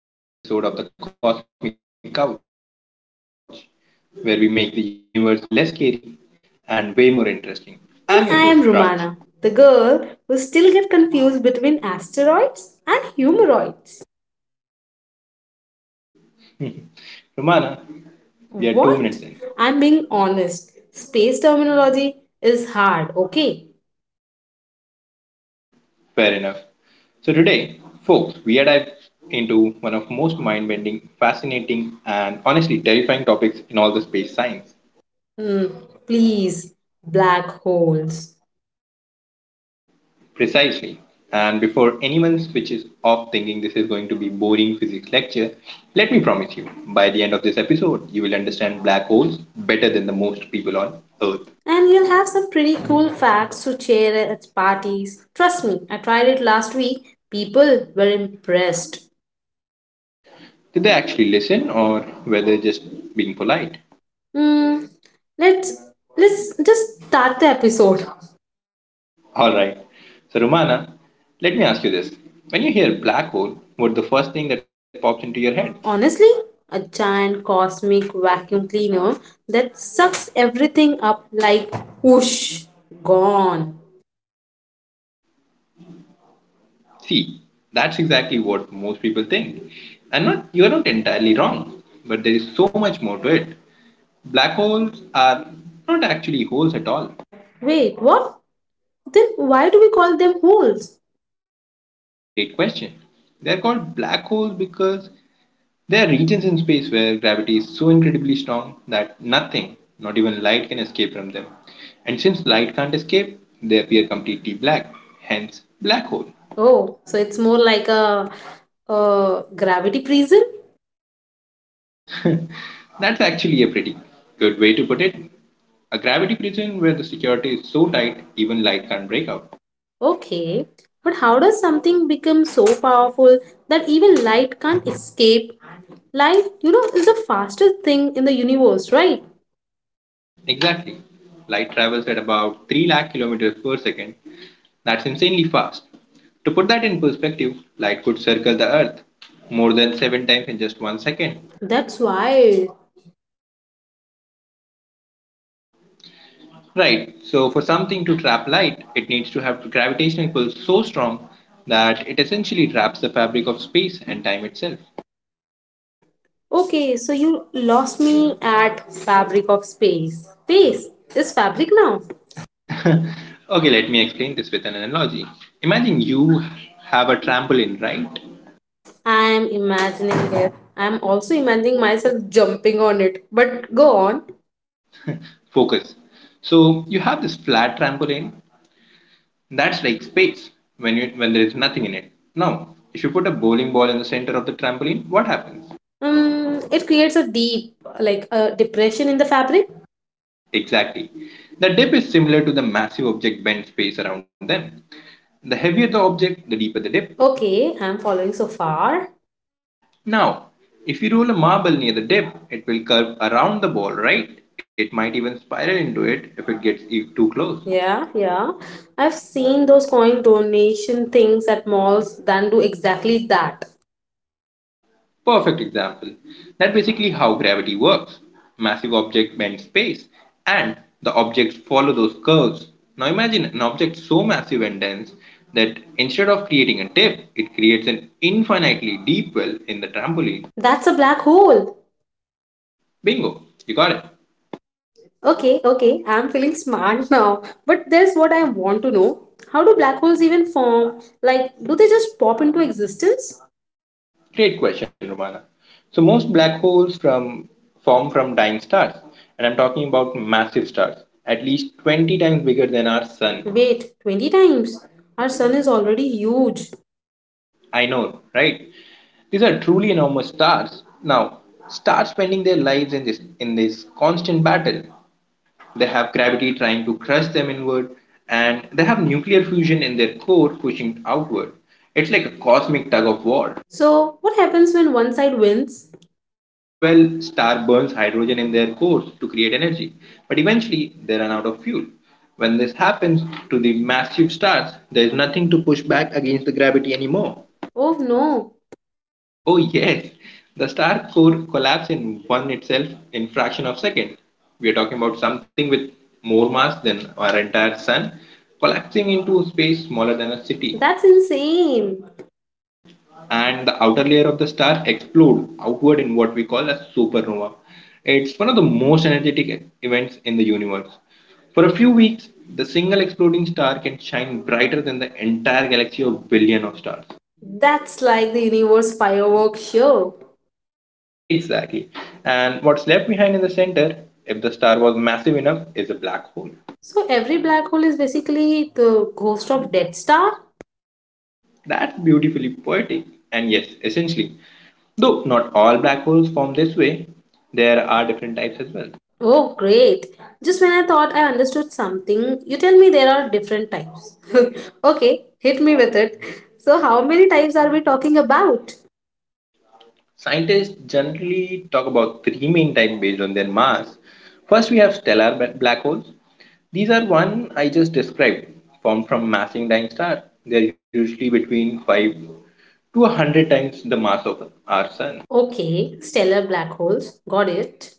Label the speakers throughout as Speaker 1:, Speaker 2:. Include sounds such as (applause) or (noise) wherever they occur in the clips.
Speaker 1: Hello, welcome back to another episode of the Cosmic Couch, where we make the universe less scary and way more interesting. I'm your host
Speaker 2: And
Speaker 1: Raj.
Speaker 2: I am Romana, the girl who still get confused between asteroids and humoroids.
Speaker 1: Romana, we are 2 minutes
Speaker 2: What?
Speaker 1: in.
Speaker 2: I'm being honest. Space terminology is hard, okay?
Speaker 1: Fair enough. So today, folks, we are diving into one of most mind-bending, fascinating, and honestly terrifying topics in all the space science.
Speaker 2: Hmm, please, black holes.
Speaker 1: Precisely. And before anyone switches off thinking this is going to be boring physics lecture, let me promise you, by the end of this episode, you will understand black holes better than the most people on earth.
Speaker 2: And you'll have some pretty cool facts to share at parties. Trust me, I tried it last week. People were impressed.
Speaker 1: Did they actually listen or were they just being polite?
Speaker 2: Hmm, let's let's just start the episode.
Speaker 1: All right. So Romana, let me ask you this. When you hear black hole, what's the first thing that pops into your head?
Speaker 2: Honestly, a giant cosmic vacuum cleaner that sucks everything up like whoosh, gone.
Speaker 1: See, that's exactly what most people think. And not you're not entirely wrong, but there is so much more to it. Black holes are not actually holes at all.
Speaker 2: Wait, what? Then why do we call them holes?
Speaker 1: Great question. They're called black holes because there are regions in space where gravity is so incredibly strong that nothing, not even light, can escape from them. And since light can't escape, they appear completely black, hence, black hole.
Speaker 2: Oh, so it's more like a gravity prison?
Speaker 1: That's actually a pretty good way to put it. A gravity prison where the security is so tight even light can't break out.
Speaker 2: Okay, but how does something become so powerful that even light can't escape? Light, you know, is the fastest thing in the universe, right?
Speaker 1: Exactly. Light travels at about 3 lakh kilometers per second. That's insanely fast. To put that in perspective, light could circle the Earth more than seven times in just 1 second.
Speaker 2: That's wild.
Speaker 1: Right, so for something to trap light, it needs to have gravitational pull so strong that it essentially traps the fabric of space and time itself.
Speaker 2: Okay, so you lost me at fabric of space. Space is fabric now.
Speaker 1: Okay, let me explain this with an analogy. Imagine you have a trampoline, right?
Speaker 2: I am imagining it. I am also imagining myself jumping on it. But go on.
Speaker 1: Focus. So you have this flat trampoline that's like space when you, when there is nothing in it. Now, if you put a bowling ball in the center of the trampoline, what happens?
Speaker 2: It creates a deep, like a depression in the fabric.
Speaker 1: Exactly. The dip is similar to the massive object bent space around them. The heavier the object, the deeper the dip.
Speaker 2: Okay, I'm following so far.
Speaker 1: Now, if you roll a marble near the dip, it will curve around the ball, right? It might even spiral into it if it gets too close.
Speaker 2: Yeah, yeah. I've seen those coin donation things at malls that do exactly that.
Speaker 1: Perfect example. That's basically how gravity works. Massive object bend space, and the objects follow those curves. Now imagine an object so massive and dense that instead of creating a dip, it creates an infinitely deep well in the trampoline.
Speaker 2: That's a black hole.
Speaker 1: Bingo, you got it.
Speaker 2: Okay, okay, I'm feeling smart (laughs) now. But there's what I want to know. How do black holes even form? Like, do they just pop into existence?
Speaker 1: Great question, Romana. So most black holes from form from dying stars, and I'm talking about massive stars, at least 20 times bigger than our sun.
Speaker 2: Wait, 20 times. Our sun is already huge.
Speaker 1: I know, right? These are truly enormous stars. Now, stars spending their lives in this constant battle. They have gravity trying to crush them inward, and they have nuclear fusion in their core pushing outward. It's like a cosmic tug of war.
Speaker 2: So, what happens when one side wins?
Speaker 1: Well, star burns hydrogen in their cores to create energy, but eventually they run out of fuel. When this happens to the massive stars, there is nothing to push back against the gravity anymore.
Speaker 2: Oh no.
Speaker 1: Oh yes, the star core collapses in one itself in fraction of second. We are talking about something with more mass than our entire sun collapsing into space smaller than a city.
Speaker 2: That's insane.
Speaker 1: And the outer layer of the star explode outward in what we call a supernova. It's one of the most energetic events in the universe. For a few weeks, the single exploding star can shine brighter than the entire galaxy of billion of stars.
Speaker 2: That's like the universe fireworks show.
Speaker 1: Exactly. And what's left behind in the center, if the star was massive enough, is a black hole.
Speaker 2: So, every black hole is basically the ghost of Dead Star?
Speaker 1: That's beautifully poetic. And yes, essentially, though not all black holes form this way, there are different types as well.
Speaker 2: Oh, great. Just when I thought I understood something, you tell me there are different types. (laughs) Okay, hit me with it. So, how many types are we talking about?
Speaker 1: Scientists generally talk about three main types based on their mass. First, we have stellar black holes. These are one I just described, formed from massing dying star. They are usually between 5 to 100 times the mass of our sun.
Speaker 2: Okay, stellar black holes. Got it.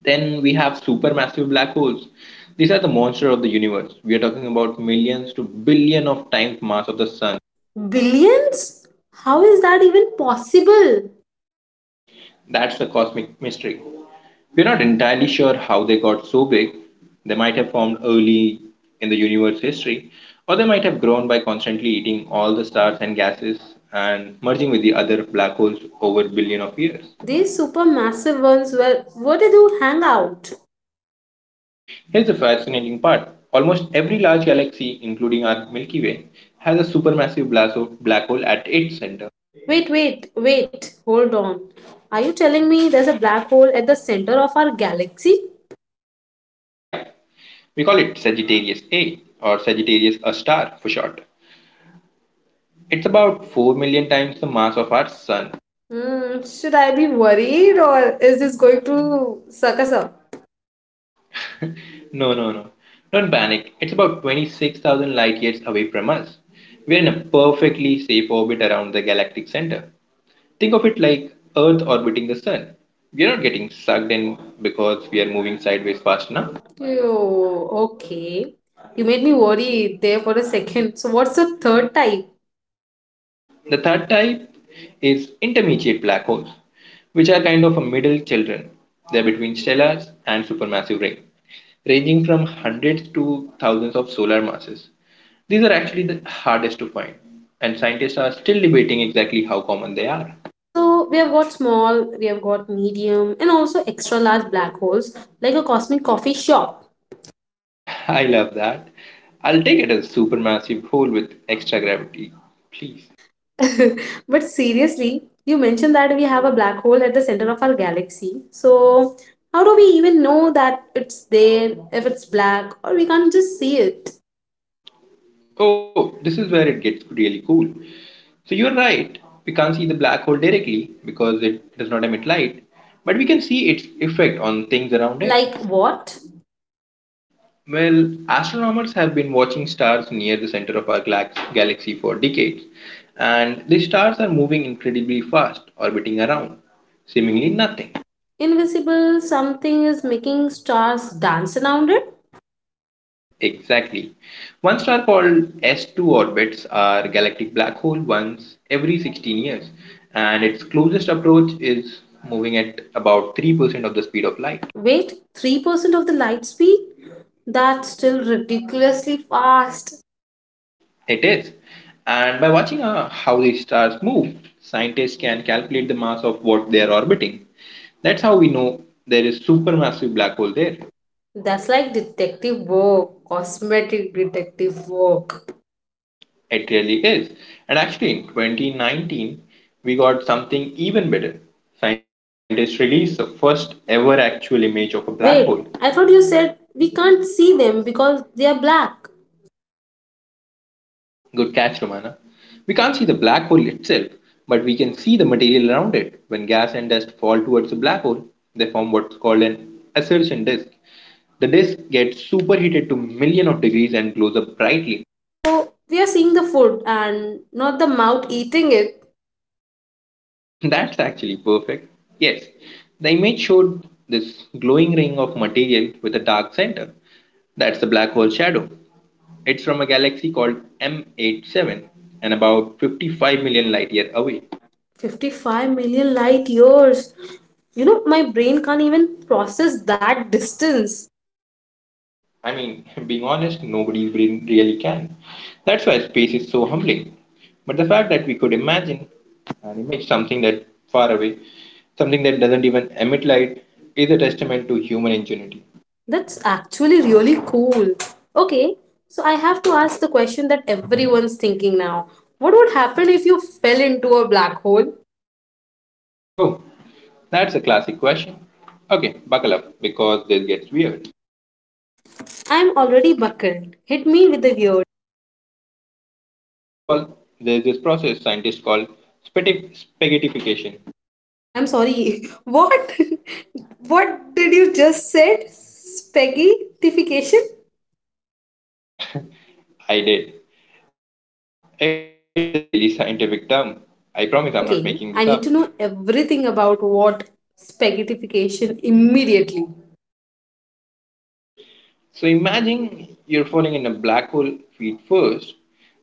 Speaker 1: Then we have supermassive black holes. These are the monster of the universe. We are talking about millions to billion of times mass of the sun.
Speaker 2: Billions? How is that even possible?
Speaker 1: That's the cosmic mystery. We're not entirely sure how they got so big. They might have formed early in the universe's history, or they might have grown by constantly eating all the stars and gases and merging with the other black holes over billion of years.
Speaker 2: These supermassive ones were. What did you hang out?
Speaker 1: Here's the fascinating part. Almost every large galaxy, including our Milky Way, has a supermassive black hole at its center.
Speaker 2: Wait, wait, wait. Hold on. Are you telling me there's a black hole at the center of our galaxy?
Speaker 1: Yeah, we call it Sagittarius A or Sagittarius A star for short. It's about 4 million times the mass of our Sun.
Speaker 2: Hmm. Should I be worried or is this going to suck us up?
Speaker 1: No, no, no. Don't panic. It's about 26,000 light years away from us. We're in a perfectly safe orbit around the galactic center. Think of it like Earth orbiting the Sun. We're not getting sucked in because we are moving sideways fast enough.
Speaker 2: Oh, okay. You made me worry there for a second. So, what's the third type?
Speaker 1: The third type is intermediate black holes, which are kind of a middle children. They're between stellars and supermassive rain, ranging from hundreds to thousands of solar masses. These are actually the hardest to find, and scientists are still debating exactly how common they are.
Speaker 2: So, we have got small, we have got medium, and also extra large black holes like a cosmic coffee shop.
Speaker 1: (laughs) I love that. I'll take it as a supermassive hole with extra gravity, please.
Speaker 2: (laughs) But seriously, you mentioned that we have a black hole at the center of our galaxy. So, how do we even know that it's there, if it's black, or we can't just see it?
Speaker 1: Oh, this is where it gets really cool. So you're right, we can't see the black hole directly because it does not emit light, but we can see its effect on things around it.
Speaker 2: Like what?
Speaker 1: Well, astronomers have been watching stars near the center of our galaxy for decades, and these stars are moving incredibly fast, orbiting around seemingly nothing.
Speaker 2: Invisible something is making stars dance around it.
Speaker 1: Exactly. One star called S2 orbits our galactic black hole once every 16 years, and its closest approach is moving at about 3% of the speed of light.
Speaker 2: Wait, 3% of the light speed? That's still ridiculously fast.
Speaker 1: It is. And by watching how the stars move, scientists can calculate the mass of what they are orbiting. That's how we know there is supermassive black hole there.
Speaker 2: That's like detective work, cosmetic detective work.
Speaker 1: It really is. And actually in 2019 we got something even better. Scientists released the first ever actual image of a black
Speaker 2: Wait,
Speaker 1: hole.
Speaker 2: I thought you said we can't see them because they are black.
Speaker 1: Good catch, Romana. We can't see the black hole itself, but we can see the material around it. When gas and dust fall towards the black hole, they form what's called an assertion disk. The disk gets superheated to millions of degrees and glows up brightly.
Speaker 2: So we are seeing the food and not the mouth eating it.
Speaker 1: (laughs) That's actually perfect. Yes, the image showed this glowing ring of material with a dark center. That's the black hole shadow. It's from a galaxy called M87 and about 55 million light year away.
Speaker 2: 55 million light years. You know, my brain can't even process that distance.
Speaker 1: I mean, (laughs) being honest, nobody really can. That's why space is so humbling. But the fact that we could imagine and image something that far away, something that doesn't even emit light, is a testament to human ingenuity.
Speaker 2: That's actually really cool. Okay, so I have to ask the question that everyone's thinking now. What would happen if you fell into a black hole?
Speaker 1: Oh, that's a classic question. Okay, buckle up because this gets weird.
Speaker 2: I'm already buckled. Hit me with the weird.
Speaker 1: So, first of all, there's this process scientists call spaghettification.
Speaker 2: I'm sorry. (laughs) What? (laughs) What did you just said? Spaghettification?
Speaker 1: I did. It's a really scientific term. I promise I'm not making this up.
Speaker 2: Okay, I need to know everything about what spaghettification immediately.
Speaker 1: So imagine you're falling in a black hole feet first.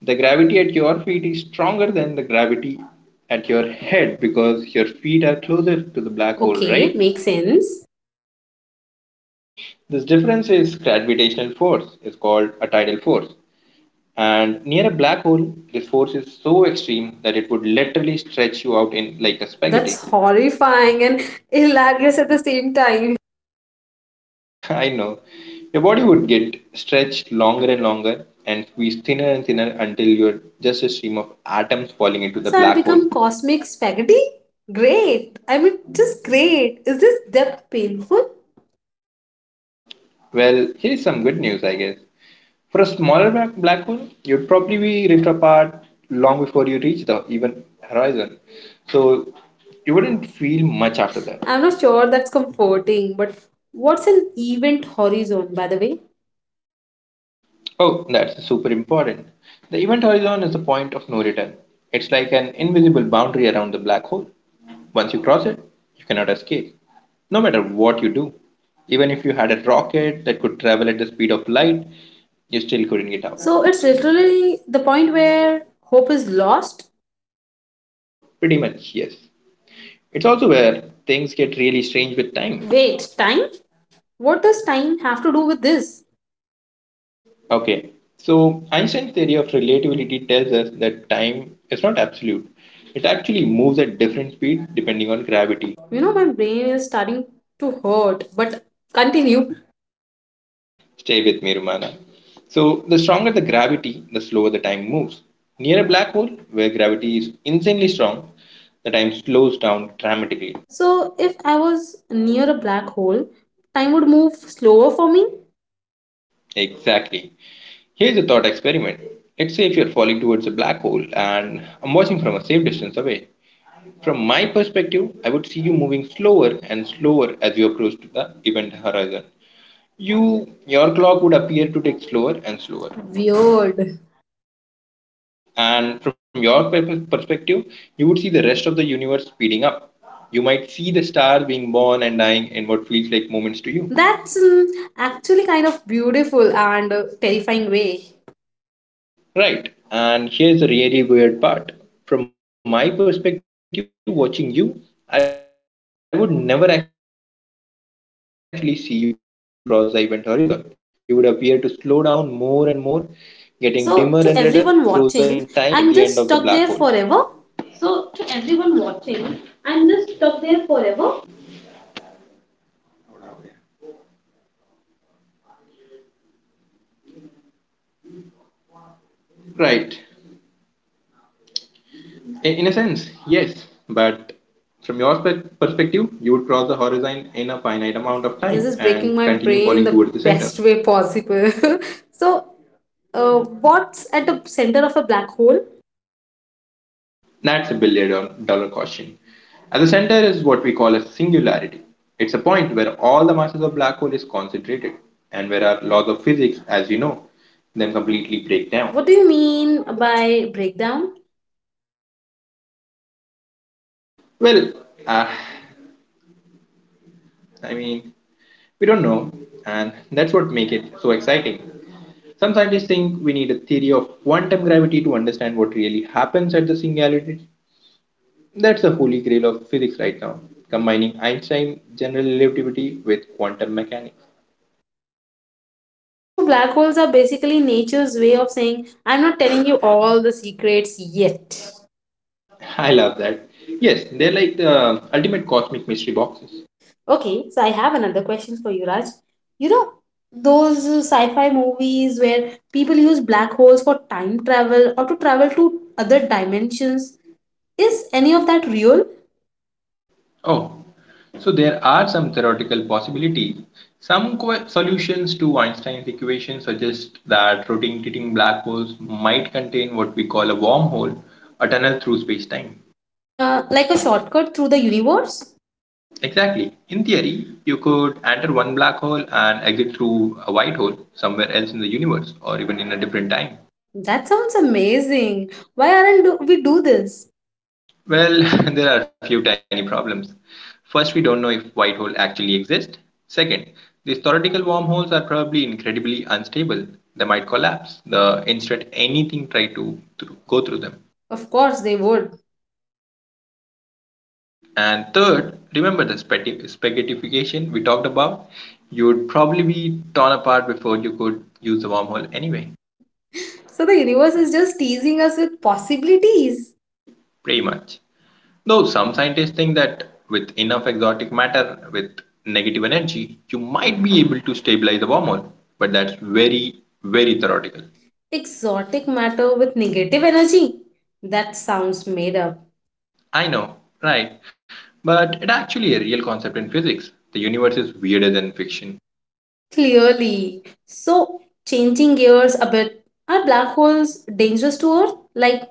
Speaker 1: The gravity at your feet is stronger than the gravity at your head because your feet are closer to the black hole,
Speaker 2: Okay,
Speaker 1: right?
Speaker 2: makes sense.
Speaker 1: This difference is gravitational force. It's called a tidal force. And near a black hole, this force is so extreme that it would literally stretch you out in like a
Speaker 2: That's
Speaker 1: spaghetti.
Speaker 2: horrifying and hilarious at the same time.
Speaker 1: (laughs) I know. Your body would get stretched longer and longer and squeezed thinner and thinner until you're just a stream of atoms falling into the
Speaker 2: So I'd
Speaker 1: black hole.
Speaker 2: become cosmic spaghetti? Great. I mean, just great. Is this depth painful?
Speaker 1: Well, here is some good news, I guess. For a smaller black hole, you'd probably be ripped apart long before you reach the even horizon. So you wouldn't feel much after that.
Speaker 2: I'm not sure that's comforting, but what's an event horizon, by the way?
Speaker 1: Oh, that's super important. The event horizon is the point of no return. It's like an invisible boundary around the black hole. Once you cross it, you cannot escape, no matter what you do. Even if you had a rocket that could travel at the speed of light, you still couldn't get out.
Speaker 2: So it's literally the point where hope is lost.
Speaker 1: Pretty much, yes. It's also where things get really strange with time.
Speaker 2: Wait, time? What does time have to do with this?
Speaker 1: Okay, so Einstein's theory of relativity tells us that time is not absolute. It actually moves at different speeds depending on gravity.
Speaker 2: You know, my brain is starting to hurt, but continue.
Speaker 1: Stay with me, Romana. So, the stronger the gravity, the slower the time moves. Near a black hole, where gravity is insanely strong, the time slows down dramatically.
Speaker 2: So if I was near a black hole, time would move slower for me?
Speaker 1: Exactly. Here's a thought experiment. Let's say if you're falling towards a black hole and I'm watching from a safe distance away. From my perspective, I would see you moving slower and slower as you approach to the event horizon. You your clock would appear to tick slower and slower.
Speaker 2: Weird.
Speaker 1: And from your perspective, you would see the rest of the universe speeding up. You might see the stars being born and dying in what feels like moments to you.
Speaker 2: That's actually kind of beautiful and terrifying way.
Speaker 1: Right. And here's the really weird part. From my perspective, watching you, I would never actually see you cross the event horizon. You would appear to slow down more and more, getting dimmer and redder, frozen in time at the end of the
Speaker 2: So,
Speaker 1: black
Speaker 2: to
Speaker 1: hole.
Speaker 2: everyone watching, I'm
Speaker 1: So,
Speaker 2: just
Speaker 1: to
Speaker 2: stuck there
Speaker 1: everyone
Speaker 2: forever.
Speaker 1: watching, I'm just stuck there forever. Right. In a sense, yes, but from your perspective, you would cross the horizon in a finite amount of time and
Speaker 2: This is
Speaker 1: continue
Speaker 2: breaking
Speaker 1: falling
Speaker 2: my
Speaker 1: towards the
Speaker 2: brain
Speaker 1: center.
Speaker 2: in the best way possible. (laughs) So, what's at the center of a black hole?
Speaker 1: That's a billion dollar question. At the center is what we call a singularity. It's a point where all the masses of black hole is concentrated and where our laws of physics, as we know, then completely break down.
Speaker 2: What do you mean by breakdown?
Speaker 1: Well, uh, I mean, we don't know, and that's what makes it so exciting. Some scientists think we need a theory of quantum gravity to understand what really happens at the singularity. That's the holy grail of physics right now, combining Einstein general relativity with quantum mechanics.
Speaker 2: So, black holes are basically nature's way of saying, I'm not telling you all the secrets yet.
Speaker 1: (laughs) I love that. Yes, they're like the ultimate cosmic mystery boxes.
Speaker 2: Okay, so I have another question for you, Raj. You know, those sci-fi movies where people use black holes for time travel or to travel to other dimensions, is any of that real?
Speaker 1: Oh, so there are some theoretical possibilities. Some solutions to Einstein's equation suggest that rotating black holes might contain what we call a wormhole, a tunnel through space-time.
Speaker 2: Like a shortcut through the universe?
Speaker 1: Exactly. In theory, you could enter one black hole and exit through a white hole somewhere else in the universe or even in a different time.
Speaker 2: That sounds amazing. Why aren't do- We do this?
Speaker 1: Well, (laughs) there are a few tiny problems. First, we don't know if white hole actually exist. Second, these theoretical wormholes are probably incredibly unstable. They might collapse the instant anything try to go through them.
Speaker 2: Of course they would.
Speaker 1: And third, remember the spaghettification we talked about? You would probably be torn apart before you could use the wormhole anyway.
Speaker 2: So the universe is just teasing us with possibilities.
Speaker 1: Pretty much. Though some scientists think that with enough exotic matter with negative energy, you might be able to stabilize the wormhole, but that's very, very theoretical.
Speaker 2: Exotic matter with negative energy. That sounds made up.
Speaker 1: I know, right? But it's actually a real concept in physics. The universe is weirder than fiction.
Speaker 2: Clearly. So, changing gears a bit, are black holes dangerous to Earth? Like,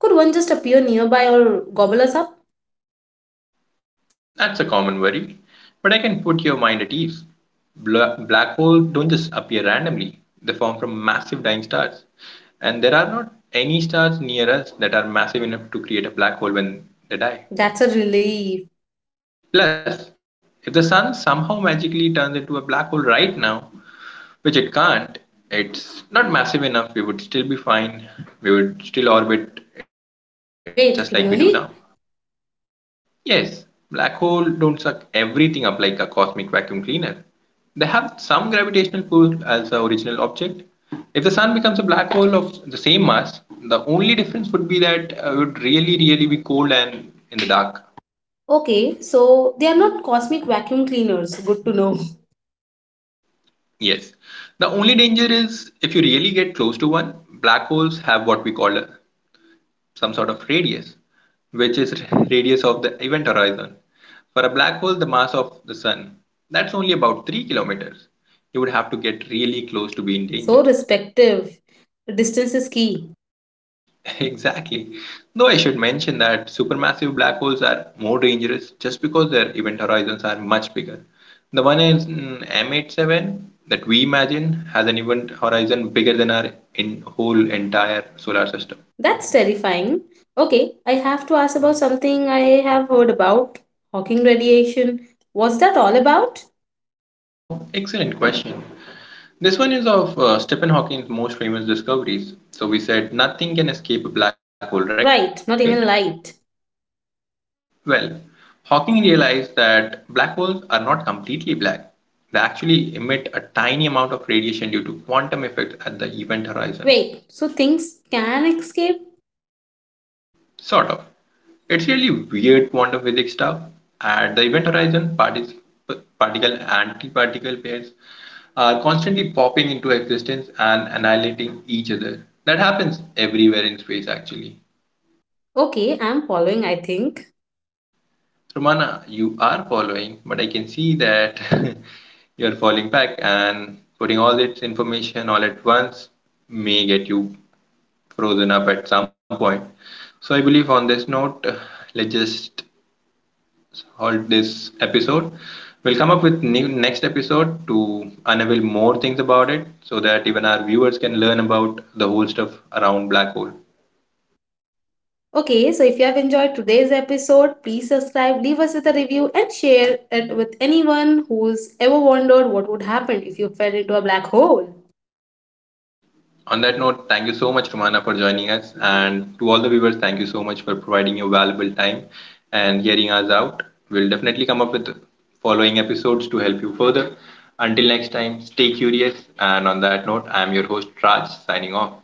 Speaker 2: could one just appear nearby or gobble us up?
Speaker 1: That's a common worry, but I can put your mind at ease. Black holes don't just appear randomly, they form from massive dying stars. And there are not any stars near us that are massive enough to create a black hole when they die.
Speaker 2: That's a relief.
Speaker 1: Plus, if the sun somehow magically turns into a black hole right now, which it can't, it's not massive enough, we would still be fine. We would still orbit it just like we do now.
Speaker 2: Wait, really?
Speaker 1: Yes, black holes don't suck everything up like a cosmic vacuum cleaner. They have some gravitational pull as the original object. If the sun becomes a black hole of the same mass, the only difference would be that it would really, really be cold and in the dark.
Speaker 2: Okay, so they are not cosmic vacuum cleaners. Good to know.
Speaker 1: Yes. The only danger is if you really get close to one, black holes have what we call a, some sort of radius, which is (laughs) radius of the event horizon. For a black hole, the mass of the sun, that's only about 3 kilometers. You would have to get really close to be in
Speaker 2: So
Speaker 1: danger.
Speaker 2: respective. Distance is key.
Speaker 1: (laughs) Exactly. Though I should mention that supermassive black holes are more dangerous just because their event horizons are much bigger. The one in M87 that we imagine has an event horizon bigger than our in whole entire solar system.
Speaker 2: That's terrifying. Okay, I have to ask about something I have heard about Hawking radiation. What's that all about?
Speaker 1: Oh, excellent question. This one is of Stephen Hawking's most famous discoveries. So we said nothing can escape a black hole, right?
Speaker 2: Right, not even light.
Speaker 1: Well, Hawking realized that black holes are not completely black. They actually emit a tiny amount of radiation due to quantum effects at the event horizon.
Speaker 2: Wait, so things can escape?
Speaker 1: Sort of. It's really weird quantum physics stuff. At the event horizon, particle antiparticle pairs are constantly popping into existence and annihilating each other. That happens everywhere in space, actually.
Speaker 2: Okay, I'm following, I think.
Speaker 1: Romana, you are following, but I can see that (laughs) you're falling back and putting all its information all at once may get you frozen up at some point. So I believe on this note, let's just halt this episode. We'll come up with new next episode to unveil more things about it so that even our viewers can learn about the whole stuff around black hole.
Speaker 2: Okay, so if you have enjoyed today's episode, please subscribe, leave us with a review, and share it with anyone who's ever wondered what would happen if you fell into a black hole.
Speaker 1: On that note, thank you so much, Romana, for joining us. And to all the viewers, thank you so much for providing your valuable time and hearing us out. We'll definitely come up with following episodes to help you further. Until next time, stay curious. And on that note, I'm your host, Raj, signing off.